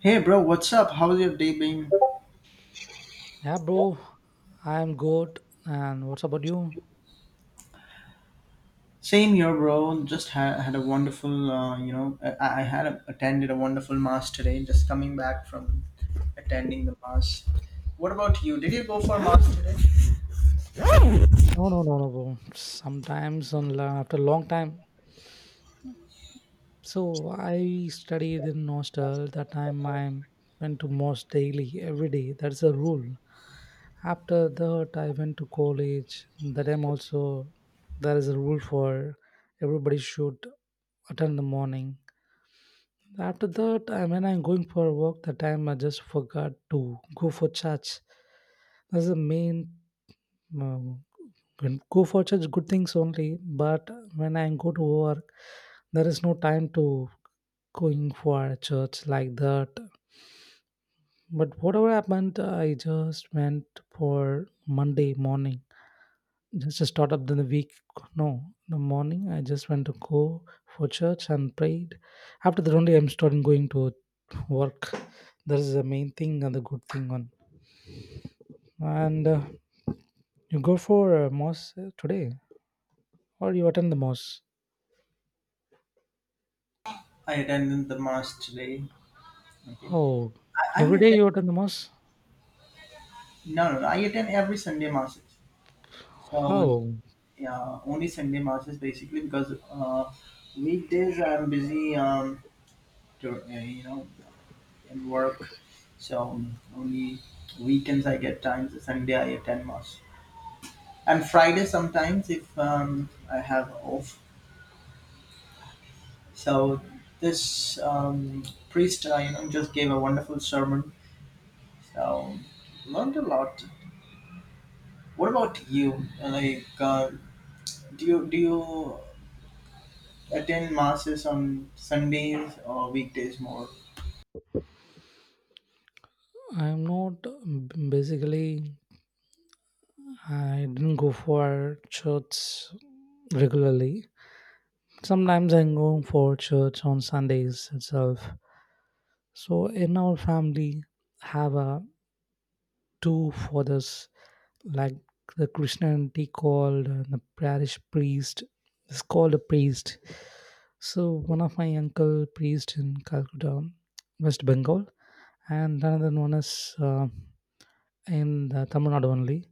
Hey bro, what's up? How's your day been? Yeah, bro, I'm good. And what's about you? Same here, bro. Just had a wonderful, I had attended a wonderful mass today. Just coming back from attending the mass. What about you? Did you go for mass today? No, no, no, no, bro. Sometimes on after a long time. So I studied in hostel. That time I went to mosque daily, every day. That's a rule. After that, I went to college. That time also, there is a rule for everybody should attend the morning. After that, I when I'm going for work, the time I just forgot to go for church. That's the main. No, when go for such good things only, but when I go to work, there is no time to going for a church like that. But whatever happened, I just went for Monday morning, just to start up the week. No, the morning I just went to go for church and prayed. After that only I'm starting going to work. That is the main thing and the good thing on. And you go for mosque today, or you attend the mosque? I attended the mass today. Okay. Oh, I every day attend. you attend the mass? No, no, no. I attend every Sunday masses. Uh, Oh, yeah, only Sunday masses basically because weekdays I'm busy. To, uh, you know, and work. So only weekends I get time. So Sunday I attend mass, and Friday sometimes if I have off. So this priest, just gave a wonderful sermon. So learned a lot. What about you? Like, do you attend masses on Sundays or weekdays more? I'm not. Basically, I didn't go for church regularly. Sometimes I'm going for church on Sundays itself. So in our family, have a two fathers like the Christianity called the parish priest. It's called a priest. So one of my uncle priest in Calcutta, West Bengal, and another one is. In the Tamil Nadu only.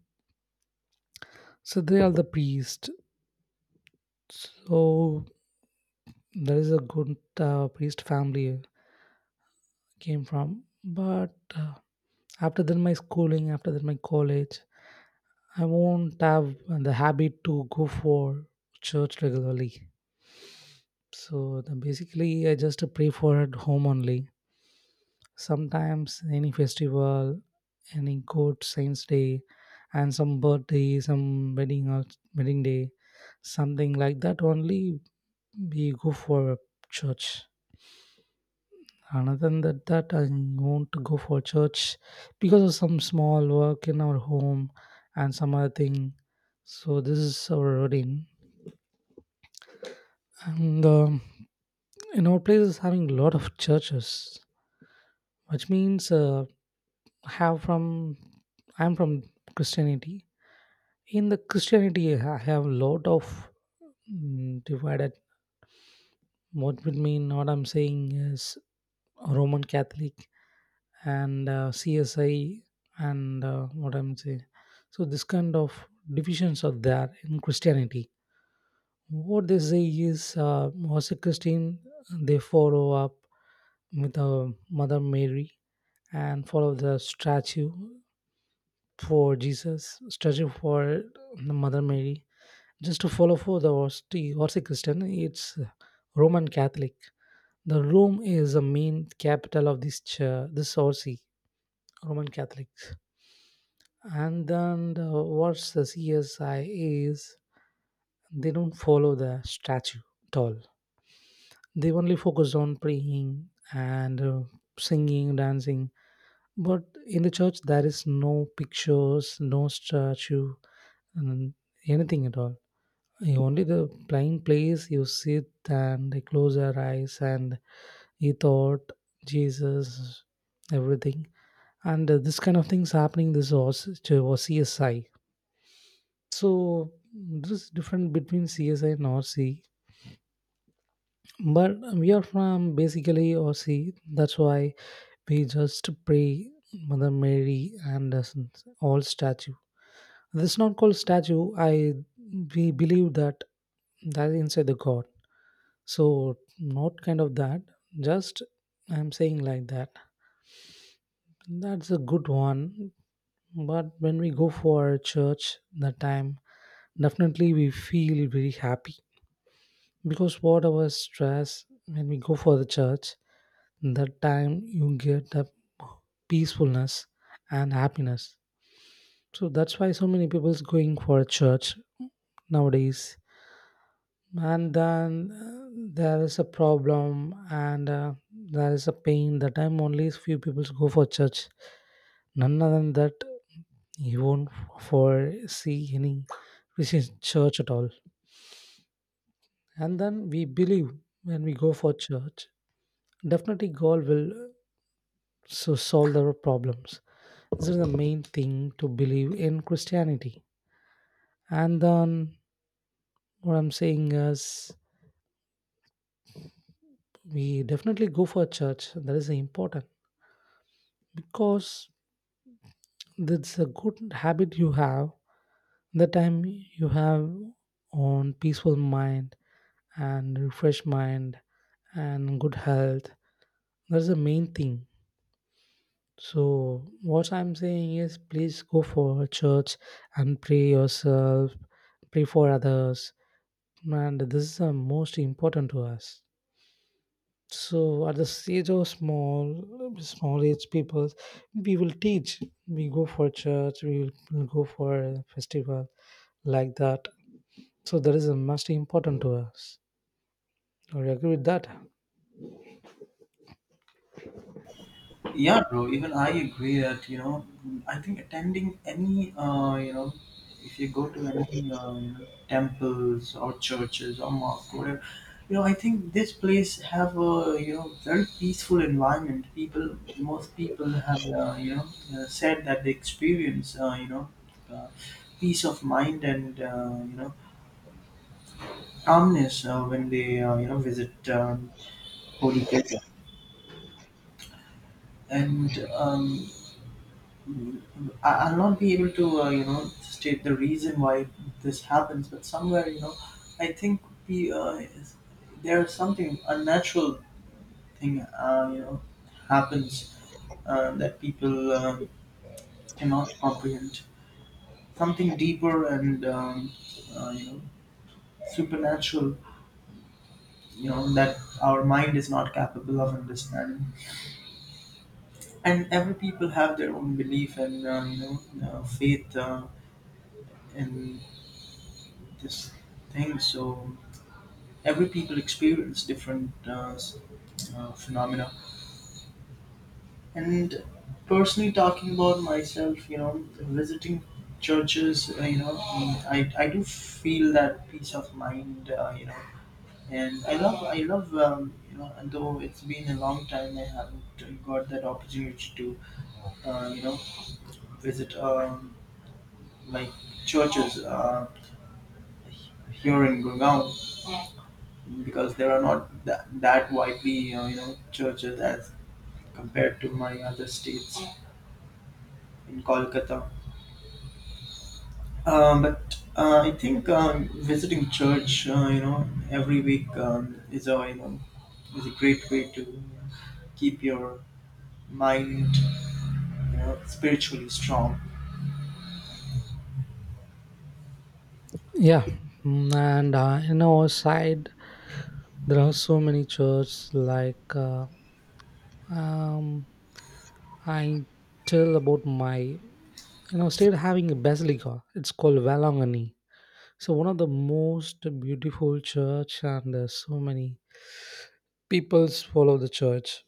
So they are the priest. So there is a good priest family came from. But after that, my schooling, after that, my college, I won't have the habit to go for church regularly. So the, basically, I just pray for at home only. Sometimes any festival, any good saints day, and some birthday, some wedding or wedding day, something like that only. We go for a church. Other than that, that I won't go for church because of some small work in our home and some other thing. So this is our routine, and in our place is having a lot of churches, which means have from I'm from Christianity. In the Christianity, I have a lot of divided. What would mean what I'm saying is Roman Catholic and CSI and what I'm saying. So this kind of divisions are there in Christianity. What they say is, was a Christian, they follow up with Mother Mary and follow the statue for Jesus, statue for the Mother Mary. Just to follow for the Orthodox Christian, it's Roman Catholic. The Rome is the main capital of this Orthodox Roman Catholics. And then the, what's the CSI is they don't follow the statue at all. They only focus on praying and singing, dancing. But in the church, there is no pictures, no statue, and anything at all. You only the plain place you sit and they close your eyes and you thought Jesus, everything. And this kind of things happening. This was, to was CSI. So this is different between CSI and RC. But we are from basically RC. That's why we just pray Mother Mary and all statue. This is not called statue. I we believe that that is inside the God. So not kind of that. Just I'm saying like that. That's a good one. But when we go for church that time, definitely we feel very happy, because whatever stress, when we go for the church, that time you get the peacefulness and happiness. So that's why so many people's going for a church nowadays. And then there is a problem and there is a pain. The time only few people go for church. None other than that, you won't for see any Christian church at all. And then we believe when we go for church, definitely God will so solve their problems. This is the main thing to believe in Christianity. And then what I'm saying is we definitely go for church. That is important because that's a good habit you have. The time you have on peaceful mind and refreshed mind and good health. That's the main thing. So what I'm saying is, please go for church and pray yourself, pray for others, and this is the most important to us. So at the stage of small small age people, we will teach, we go for church, we'll go for a festival like that. So that is a must important to us. Do you agree with that? Yeah, bro. Even I agree that, I think attending any if you go to any temples or churches or mosque, whatever, I think this place have a very peaceful environment. People, most people have said that they experience uh, peace of mind and calmness when they visit holy places. And um, I'll not be able to, state the reason why this happens, but somewhere, I think we, uh, is- there's something unnatural thing, happens, that people cannot comprehend. Something deeper and, uh, you know, supernatural, that our mind is not capable of understanding. And every people have their own belief and, faith, in this thing. So every people experience different phenomena, and personally talking about myself, visiting churches, I do feel that peace of mind, and I love and though it's been a long time, I haven't got that opportunity to uh, you know visit, like churches here in Gurgaon, because there are not that widely churches as compared to my other states in Kolkata. But I think visiting church, every week, is a great way to keep your mind, spiritually strong. Yeah. And in our side there are so many churches like um I tell about my state having a basilica, it's called Valangani. So one of the most beautiful church, and so many peoples follow the church.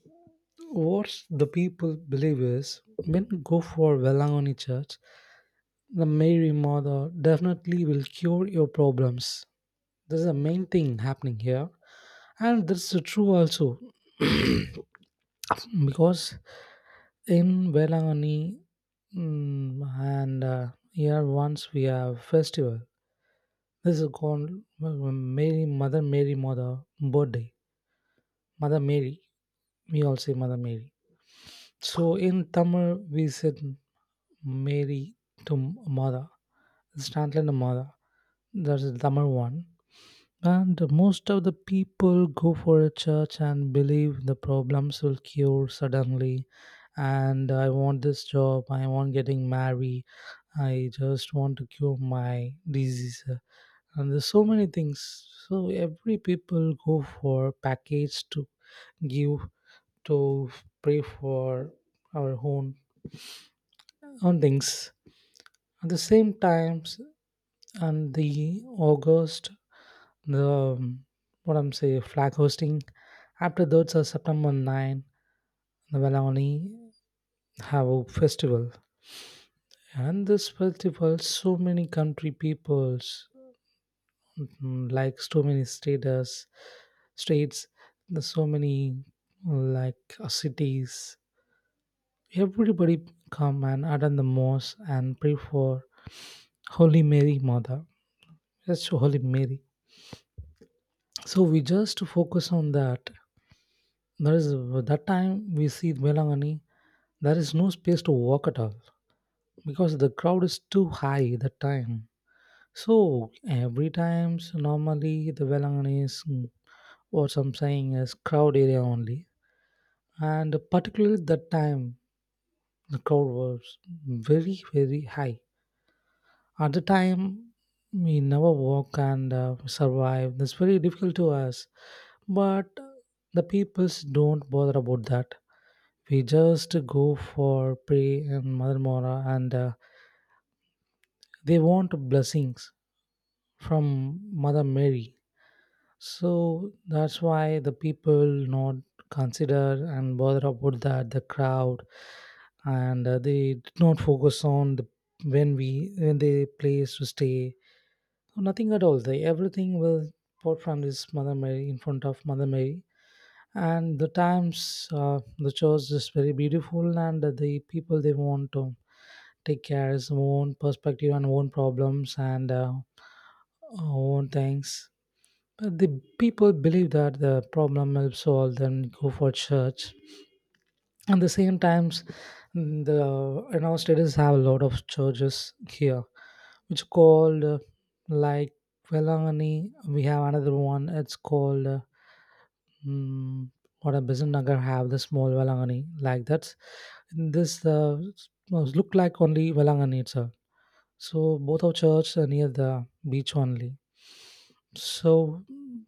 What the people believe is when you go for Velangoni church, the Mary Mother definitely will cure your problems. This is the main thing happening here, and this is true also because in Velangoni mm, and here once we have festival. This is called Mary, Mother Mary, Mother birthday. Mother Mary. We all say Mother Mary. So in Tamil, we said Mary to Mother. It's translated to Mother. That's the Tamil one. And most of the people go for a church and believe the problems will cure suddenly. And I want this job. I want getting married. I just want to cure my disease and there's so many things. So every people go for package to give to pray for our own things at the same times. And the august, the what I'm saying flag hosting, after that. So September 9th, the Valani have a festival, and this festival so many country peoples. Mhm. Like so many status states, there's so many like cities, everybody come and attend the mosque and pray for holy Mary mother. That's holy Mary. So we just focus on that. There is that time we see Melangani, there is no space to walk at all because the crowd is too high that time. So every times normally the Velangani is, what I'm saying, is crowd area only, and particularly at that time the crowd was very very high. At the time we never walk and survive. That's very difficult to us. But the peoples don't bother about that. We just go for pray and mother mora, and they want blessings from mother Mary. So that's why the people not consider and bother about that the crowd, and they did not focus on the when they place to stay. So nothing at all. They everything was bought from this Mother Mary in front of Mother Mary, and the times the church is very beautiful, and the people they want to take care is own perspective and own problems and own things, but the people believe that the problem will solve, then go for church. At the same times, the in our states have a lot of churches here, which called like Velangani. We have another one. It's called mm, what a business nagar have the small Velangani like that. This look like only Velangani itself. So both our church are near the beach only. So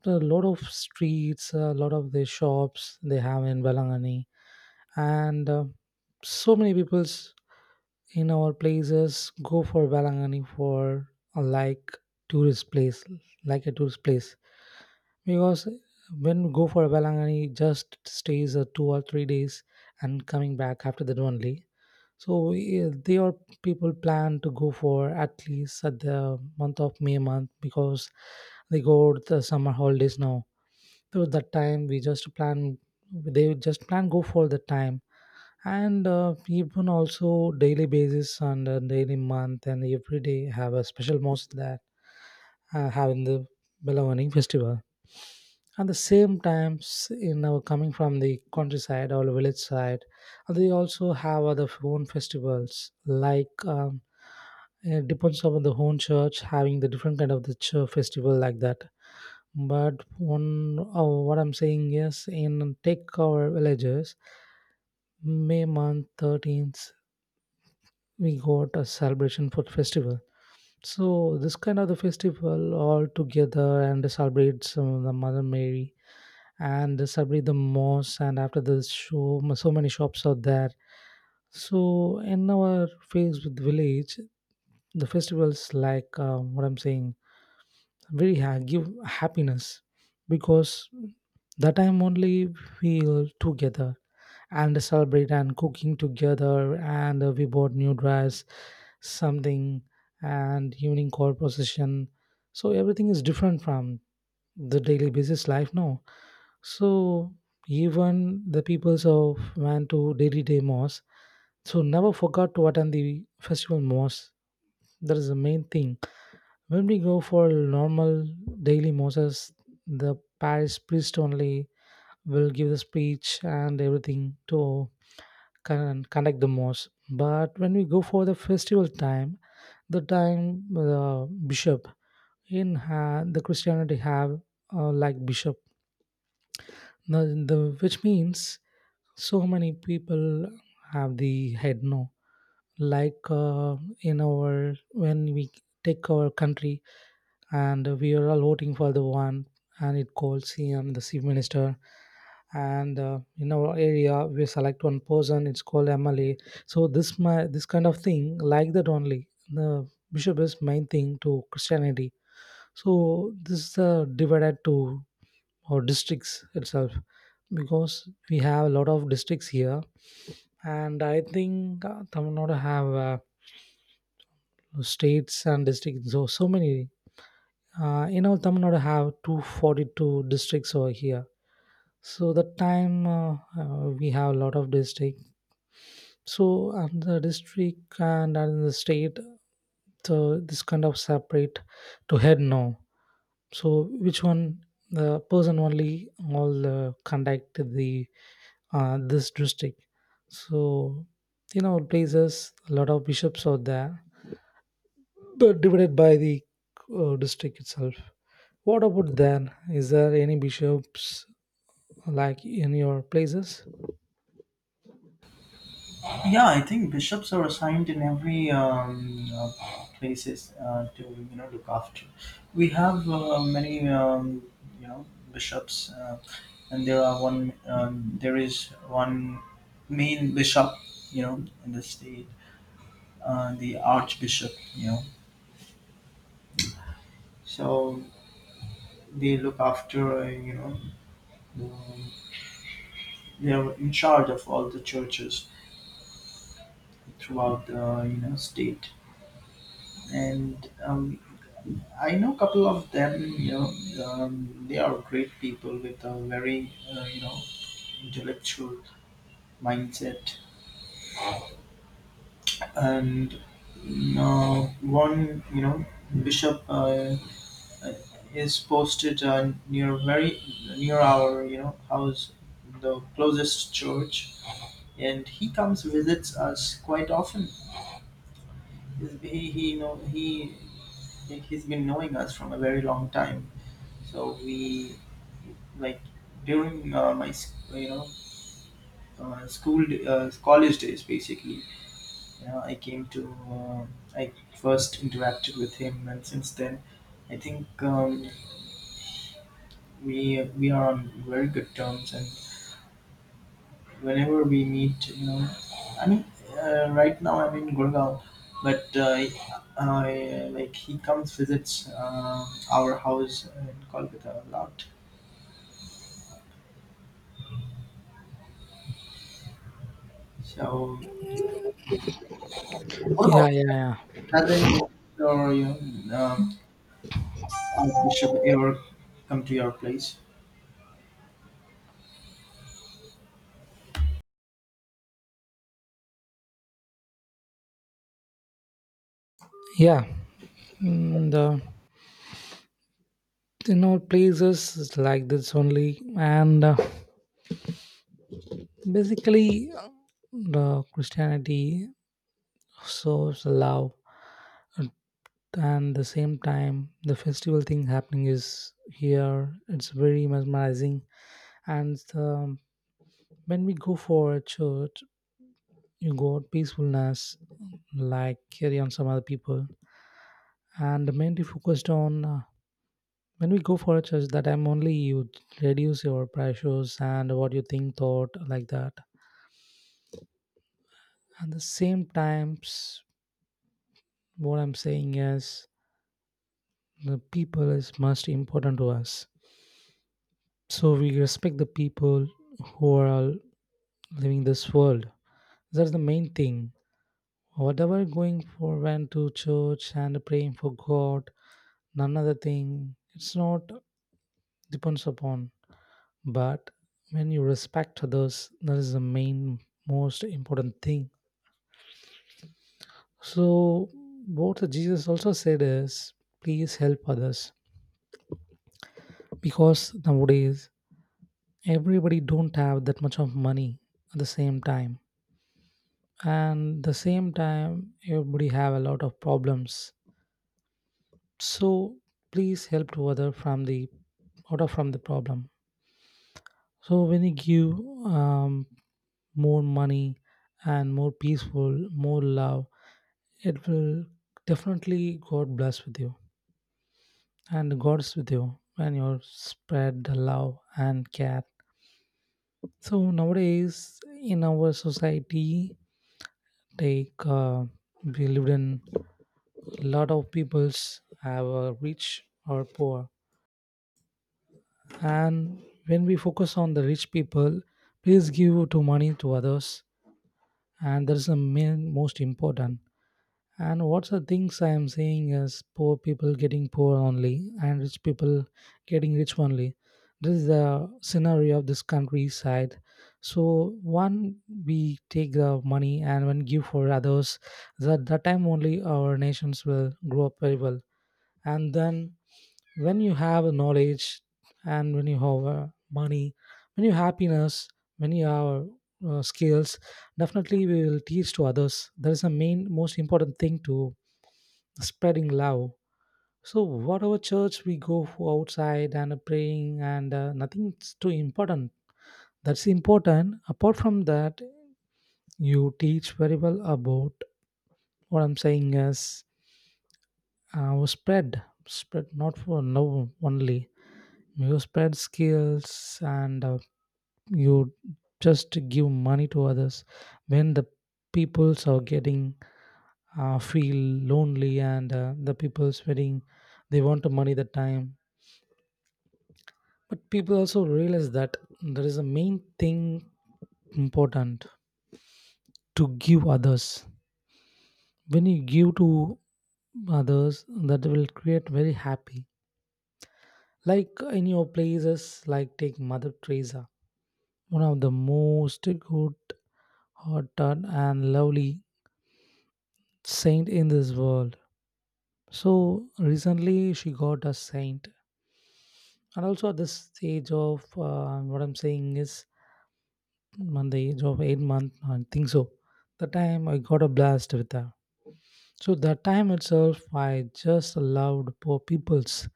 a lot of streets, a lot of the shops they have in Balangani, and so many peoples in our places go for Balangani for like tourist place, like a tourist place, because when you go for Balangani, it just stays 2 or 3 days and coming back after that only. So yeah, they are people plan to go for at least at the month of May month because they go to the summer holidays now. So that time we just plan, they just plan go for the time, and even also daily basis and daily month, and every day have a special most that having the Belawani festival at the same times, coming from the countryside or village side, they also have other own festivals like it depends on the own church having the different kind of the church festival like that. But one. Oh, what I'm saying is, in take our villages, May month 13th we got a celebration for festival. So this kind of the festival all together and celebrates the mother Mary and Sabri the Moss, and after the show, so many shops are there. So in our face with village, the festivals like what I'm saying, very give happiness because that time only we together and celebrate and cooking together, and we bought new dress, something, and evening call procession. So everything is different from the daily basis life now. So even the peoples of went to daily day mosque. So never forgot to attend the festival mosque. That is the main thing. When we go for normal daily mosques, the parish priest only will give the speech and everything to conduct the mosque. But when we go for the festival time the bishop in the Christianity have like bishop. The the which means so many people have the head, no. Like in our when we take our country and we are all voting for the one, and it calls CM, the chief minister, and in our area we select one person, it's called MLA. So this my this kind of thing, like that only the bishop is main thing to Christianity. So this is divided to or districts itself because we have a lot of districts here. And I think Tamil Nadu have states and districts, so so many. In all Tamil Nadu have 242 districts over here. So that time we have a lot of districts. So the district and the state, so this kind of separate to head now. So which one the person only all conduct the this district. So in our places, a lot of bishops are there, but divided by the district itself. What about then? Is there any bishops like in your places? Yeah, I think bishops are assigned in every places, to look after. We have many you know bishops, and there are one. There is one main bishop, in the state, the archbishop, So they look after, the- they are in charge of all the churches throughout the state, and I know a couple of them. They are great people with a very intellectual mindset, and, one bishop, uh, is posted near our house, the closest church, and he comes visits us quite often. He he's been knowing us from a very long time. So we, like, during my school college days basically. I came to I first interacted with him, and since then, I think, we are on very good terms. And whenever we meet, I mean, right now I'm in Gurgaon, but like he comes visits, our house in Kolkata a lot. So, Yeah, yeah, yeah. hasn't Victorian Archbishop ever come to your place? Yeah, and, you know, places is like this only, and basically, the Christianity shows love, and the same time the festival thing happening is here, it's very mesmerizing. And when we go for a church, you got peacefulness like carry on some other people, and mainly focused on when we go for a church, that I'm only you reduce your pressures and what you think thought, like that. And the same times, what I'm saying is the people is most important to us, so we respect the people who are all living this world. That's the main thing. Whatever going for when to church and praying for God, none other thing. It's not depends upon. But when you respect others, that is the main most important thing. So what Jesus also said is please help others. Because nowadays everybody don't have that much of money at the same time. And the same time everybody have a lot of problems, so please help to other from the out of from the problem. So when you give um, more money and more peaceful more love, it will definitely god bless with you, and god's with you when you spread the love and care. So nowadays in our society, like we live in, a lot of peoples have a rich or poor. And when we focus on the rich people, please give to money to others, and that's the main most important. And what's the things I am saying is poor people getting poor only, and rich people getting rich only. This is the scenario of this countryside. So one we take the money and one give for others, that that time only our nations will grow up very well. And then when you have a knowledge and when you have money, when you have happiness, when you have skills, definitely we will teach to others. That is the main most important thing to spreading love. So whatever church we go for outside and praying and nothing's too important, that's important. Apart from that, you teach very well about, what I'm saying is, spread not for love only. You spread skills, and you just give money to others when the peoples are getting feel lonely and the people's feeling they want the money the time. But people also realize that there is a main thing important to give others. When you give to others, that will create very happy. Like in your places, like take Mother Teresa, one of the most good hot done and lovely saint in this world. So recently she got a saint, and also at this age of what I'm saying is, on the age of 8 month, I think so. The time I got a blast with her. So that time itself, I just loved poor peoples.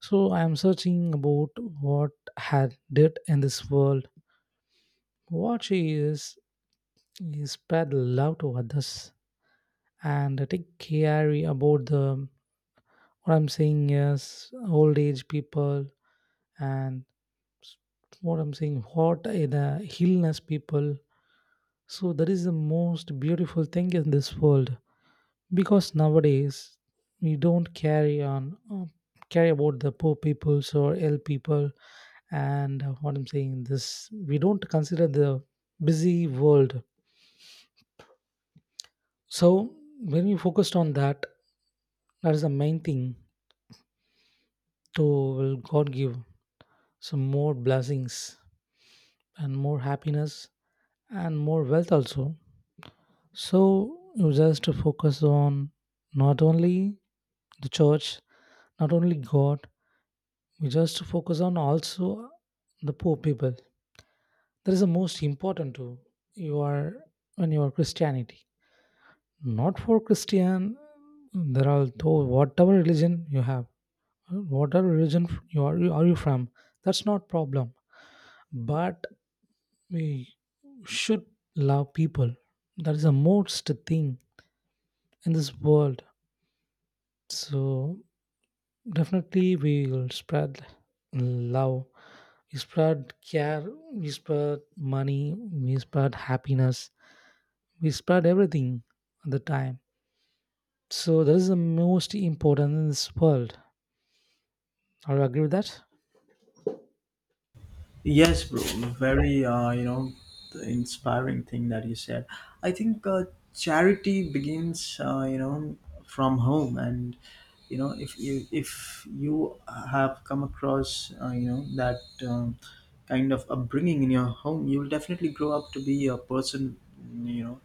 So I am searching about what had did in this world. What she is spread love to others and take care about the, what I'm saying is, old age people. And s- what I'm saying, what are the illness people? So that is the most beautiful thing in this world. Because nowadays we don't carry on carry about the poor peoples or ill people. And what I'm saying this, we don't consider the busy world. So when we focused on that, that is the main thing to will god give some more blessings and more happiness and more wealth also. So you just focus on not only the church, not only God, we just focus on also the poor people. That is the most important too. You are when you are Christianity. Not for Christian there are though, whatever religion you have, whatever religion you are you from, that's not problem. But we should love people. That is the most thing in this world. So definitely we will spread love, we spread care, we spread money, we spread happiness, we spread everything at the time. So that is the most important in this world. Are you agree with that? Yes, bro. Very, the inspiring thing that you said. I think charity begins, from home, and, if you have come across, that um, kind of upbringing in your home, you'll definitely grow up to be a person, you know,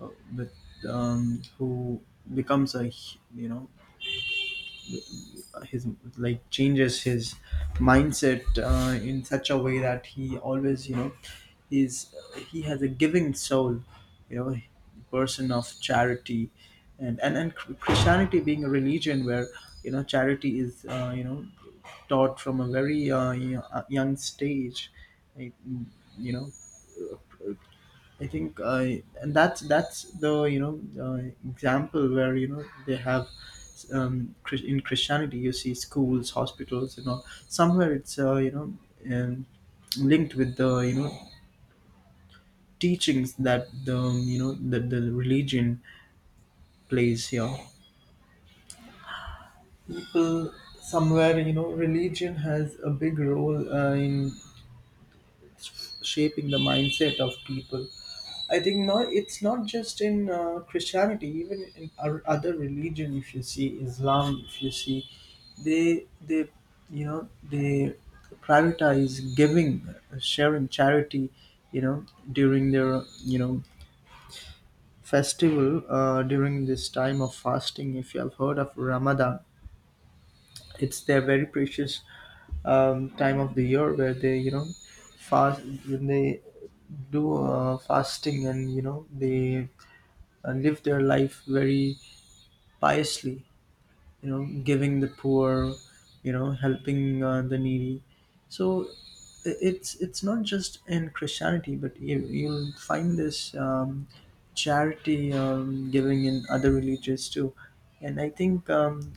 uh, with who becomes you know, his, like, changes his mindset, in such a way that he always, he's he has a giving soul, you know person of charity. And Christianity being a religion where, charity is, taught from a very young stage, like, you know I think, and that's the, example where, they have, in Christianity you see schools, hospitals, somewhere it's, um, linked with the, teachings that the you know that the religion plays here. People, somewhere, religion has a big role, in shaping the mindset of people. I think not. It's not just in, Christianity, even in our other religion. If you see Islam, if you see, they they prioritize giving, sharing, charity. You know during their, festival, during this time of fasting. If you have heard of Ramadan, it's their very precious, time of the year where they, fast, when they do fasting, and, they live their life very piously, giving the poor, helping, the needy. So it's not just in Christianity, but you'll find this, charity, giving in other religions too. And I think,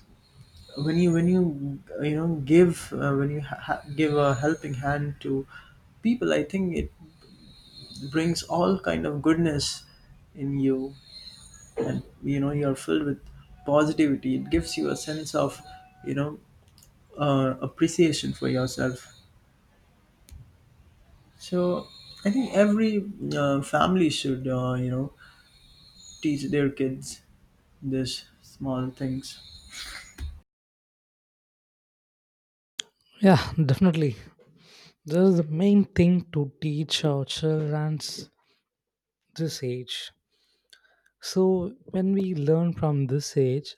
when you, when you you know give when you ha- ha- give a helping hand to people. I think it brings all kind of goodness in you. And, you're filled with positivity. It gives you a sense of, you know appreciation for yourself. So I think every family should, teach their kids this small things. Yeah, definitely. That is the main thing to teach our childrens this age. So when we learn from this age,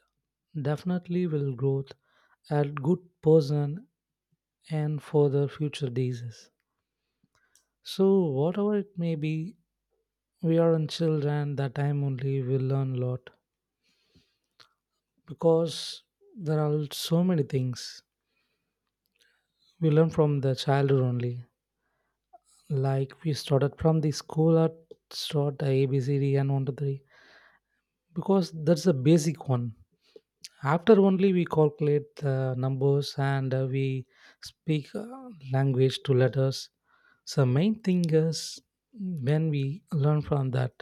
definitely will grow a good person and for the future diseases. So whatever it may be, we are on children, that time only we learn a lot, because there are so many things we learn from the childhood only. Like we started from the school at start A, B, C, D, and 1 to 3, because that's the basic one. After only we calculate the numbers, and we speak language to letters. So main thing is when we learn from that.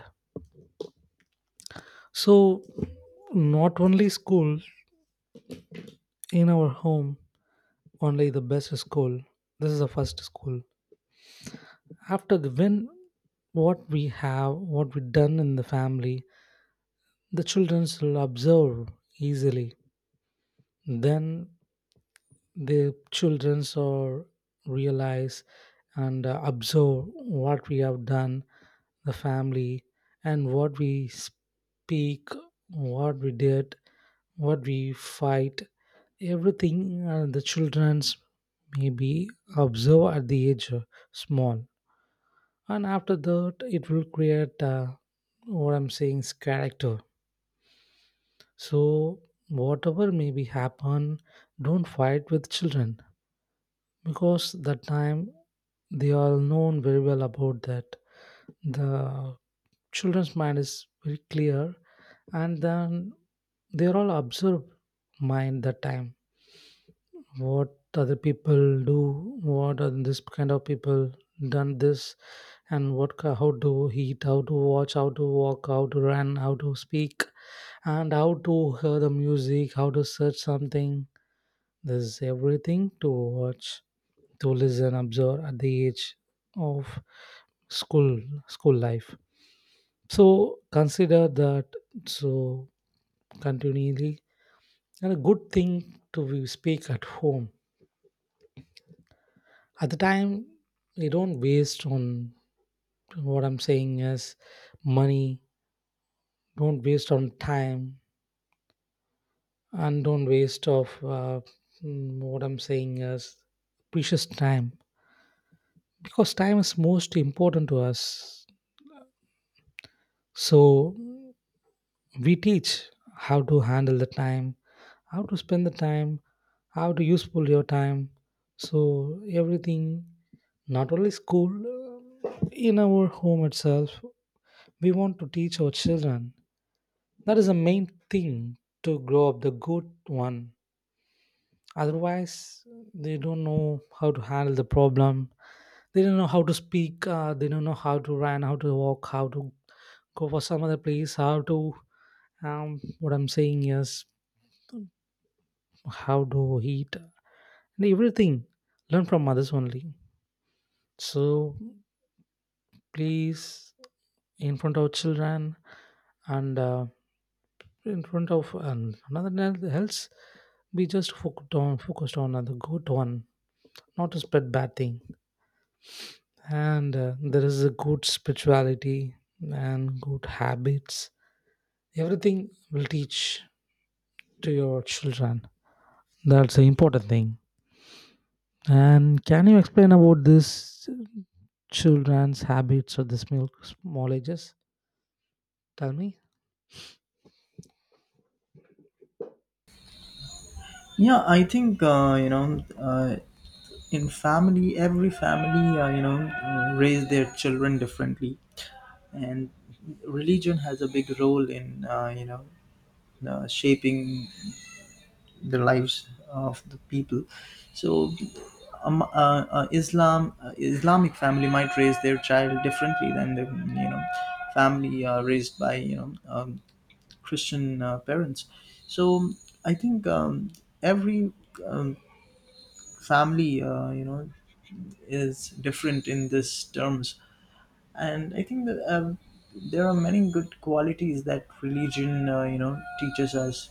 So not only school, in our home, only the best school. This is the first school. After the when, what we have, what we done in the family, the children will observe easily. Then the children so realize and observe what we have done the family and what we speak, what we did, what we fight, everything the children's maybe observe at the age of small. And after that it will create what I'm saying is character. So whatever maybe happen, don't fight with children, because that time they all known very well about that. The children's mind is very clear, and then they're all observe mind that time. What other people do, what are this kind of people done this, and what how to eat, how to watch, how to walk, how to run, how to speak, and how to hear the music, how to search something. This is everything to watch, to listen observe at the age of school, school life. So consider that. So continually and a good thing to speak at home at the time. You don't waste on, what I'm saying is, money. Don't waste on time, and don't waste of uh, what I'm saying is precious time. Because time is most important to us. So we teach how to handle the time, how to spend the time, how to useful your time. So everything, not only school in our home itself, we want to teach our children. That is the main thing to grow up the good one. Otherwise they don't know how to handle the problem, they don't know how to speak, they don't know how to run, how to walk, how to go for some other place, how to what I'm saying is, how to eat, and everything learn from mothers only. So please in front of children and in front of and another than else, we just focused on the good one, not to spread bad thing. And there is a good spirituality and good habits, everything will teach to your children. That's the important thing. And can you explain about this children's habits of the small, small ages? Tell me. Yeah, I think, uh, in family, every family, raise their children differently, and religion has a big role in, shaping the lives of the people. So, Islamic family might raise their child differently than the, you know family raised by, Christian parents. So I think, every um, family, is different in this terms, and I think that there are many good qualities that religion, teaches us.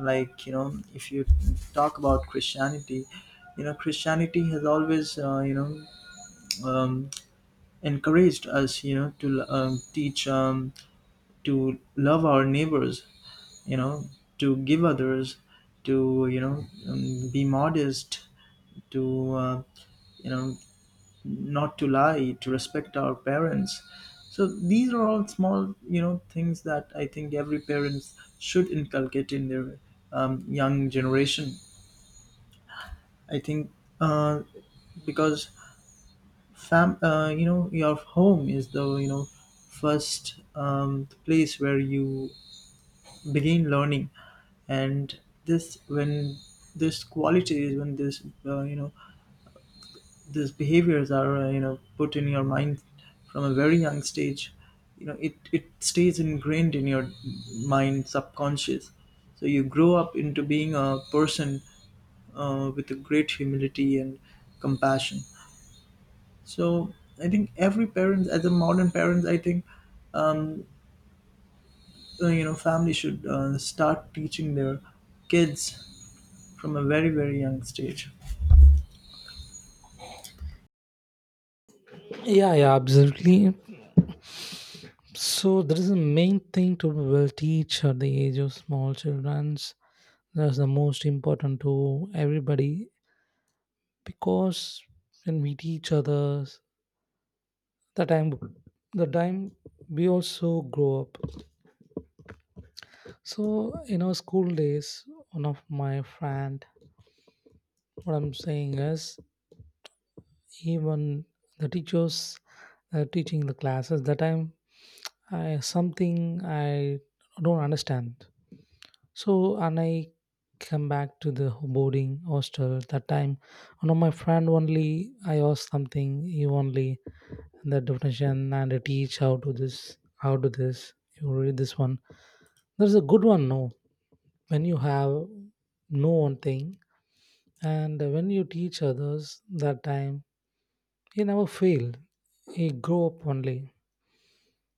Like, if you talk about Christianity, Christianity has always, um, encouraged us, to teach to love our neighbors, you know to give others, to, be modest, to, you know not to lie, to respect our parents. So these are all small, things that I think every parents should inculcate in their, young generation. I think, uh, because your home is the, first place where you begin learning. And this when this qualities, when this these behaviors are, put in your mind from a very young stage. It stays ingrained in your mind subconscious. So you grow up into being a person, with a great humility and compassion. So I think every parent, as a modern parent, I think, um, family should, start teaching their kids from a very very young stage. Yeah, yeah, absolutely. So there is a main thing to will teach at the age of small children's. That's the most important to everybody. Because when we teach others, the time the time we also grow up. So in our school days, one of my friend, what I'm saying is, even the teachers teaching the classes that time, I, something I don't understand. So, and I come back to the boarding hostel at that time. One of my friend only, I asked something, he only, the definition and I teach how to this, how to this. You read this one. There's a good one, no. When you have no one thing and when you teach others that time, he never failed. He grow up only.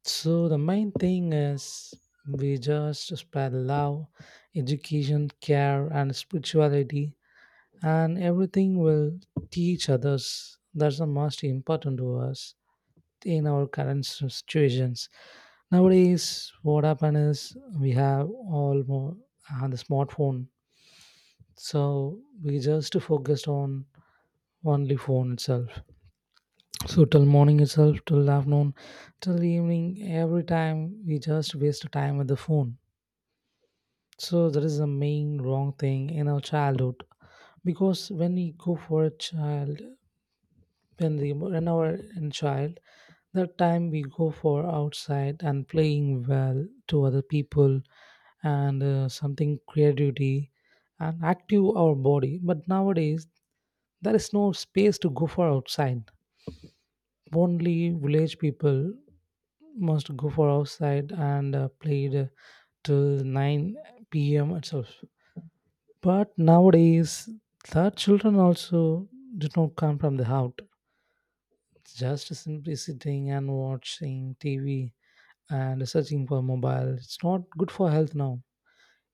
So the main thing is we just spread love, education, care, and spirituality, and everything will teach others. That's the most important to us in our current situations. Nowadays, what happens is we have all more on the smartphone, so we just focused on only phone itself. So till morning itself, till afternoon, till evening, every time we just waste time with the phone. So that is the main wrong thing in our childhood because when we go for a child, when our in child, that time we go for outside and playing well to other people and something creativity and active our body. But nowadays there is no space to go for outside. Only village people must go for outside and played till 9 p.m. itself. But nowadays, that children also did not come from the out. Just simply sitting and watching TV and searching for mobile. It's not good for health now.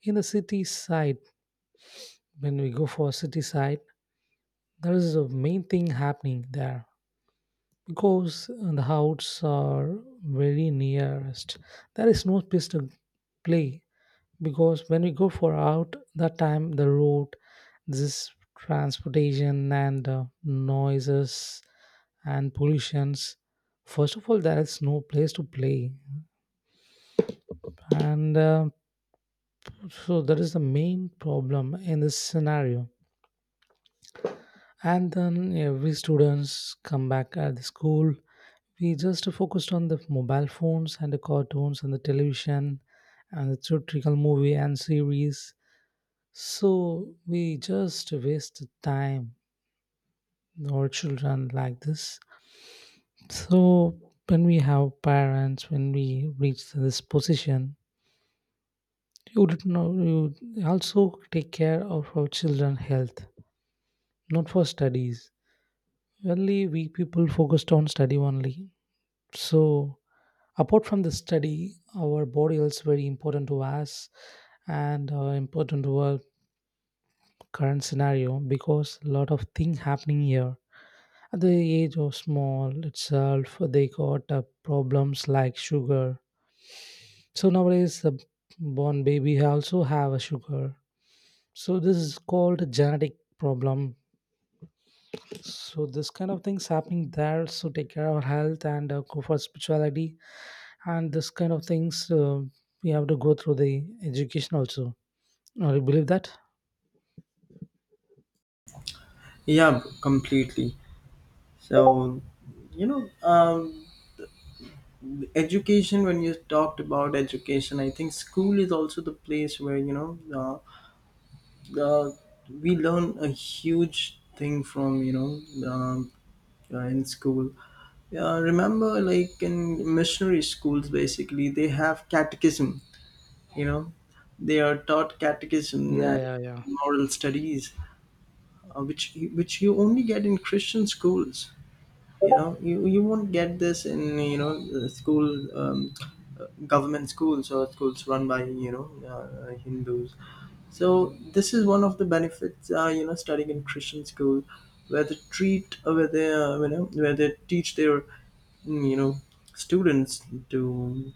In the city side, when we go for city side, there is a main thing happening there because the houses are very nearest. There is no place to play because when we go for out that time the road this transportation and noises and pollutions, first of all there is no place to play and so that is the main problem in this scenario. And then every students come back at the school, we just focused on the mobile phones and the cartoons and the television and the theatrical movie and series, so we just waste time our children like this. So when we have parents, when we reach this position, you would know you also take care of our children' health, not for studies. Only we people focused on study only. So apart from the study, our body is very important to us and important to our current scenario because a lot of things happening here. At the age of small itself, they got problems like sugar. So nowadays, the born baby also have a sugar. So this is called a genetic problem. So this kind of things happening there. So take care of our health and go for spirituality and this kind of things. We have to go through the education also. Now, you believe that? Yeah, completely. So, you know, um, education, when you talked about education, I think school is also the place where, uh, uh, we learn a huge thing from, in school. Yeah, remember, like in missionary schools, basically they have catechism. You know, they are taught catechism, Yeah, yeah, yeah. moral studies, which you only get in Christian schools. You won't get this in, the school um, uh, government schools or schools run by, Hindus. So this is one of the benefits, studying in Christian school, where they where they teach their, mm, you know, students to,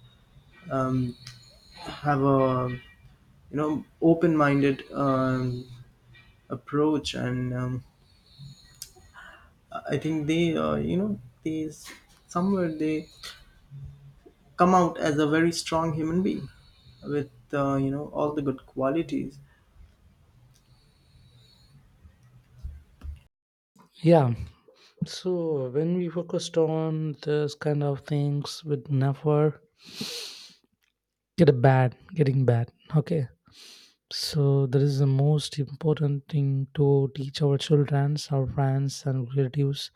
um, have a, open-minded, approach, and, I think they, these somewhere they come out as a very strong human being with, all the good qualities. Yeah. So when we focused on this kind of things, with never getting bad, okay, so that is the most important thing to teach our children, our friends and relatives.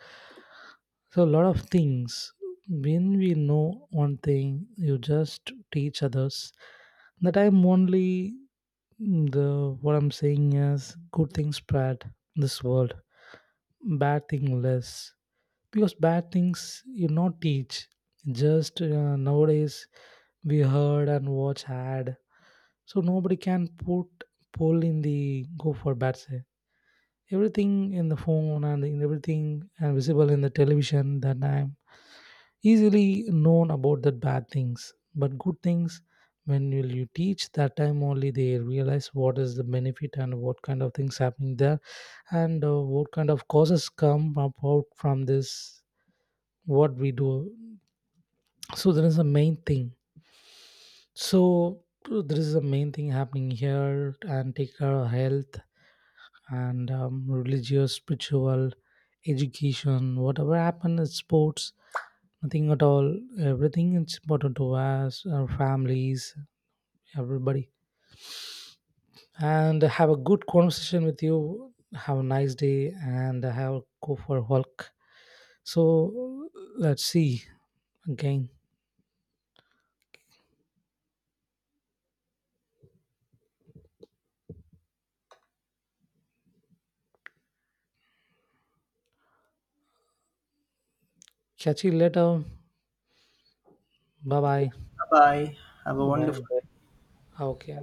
So a lot of things, when we know one thing you just teach others. That I'm only the what I'm saying is good things spread in this world, bad thing less, because bad things you not teach. Just nowadays we heard and watch ad. So nobody can put poll in the go for bad side. Everything in the phone and in everything and visible in the television, that I'm easily known about the bad things. But good things, when will you teach that time only they realize what is the benefit and what kind of things happening there and what kind of causes come about from this what we do. so there is a main thing so there is a main thing happening here, and take care of health and religious, spiritual, education, whatever happened in sports, nothing at all. Everything is important to us, our families, everybody. And have a good conversation with you. Have a nice day and have go for a walk. So let's see again. Catch you later. Bye bye. Bye. Have a wonderful Bye. day. Okay.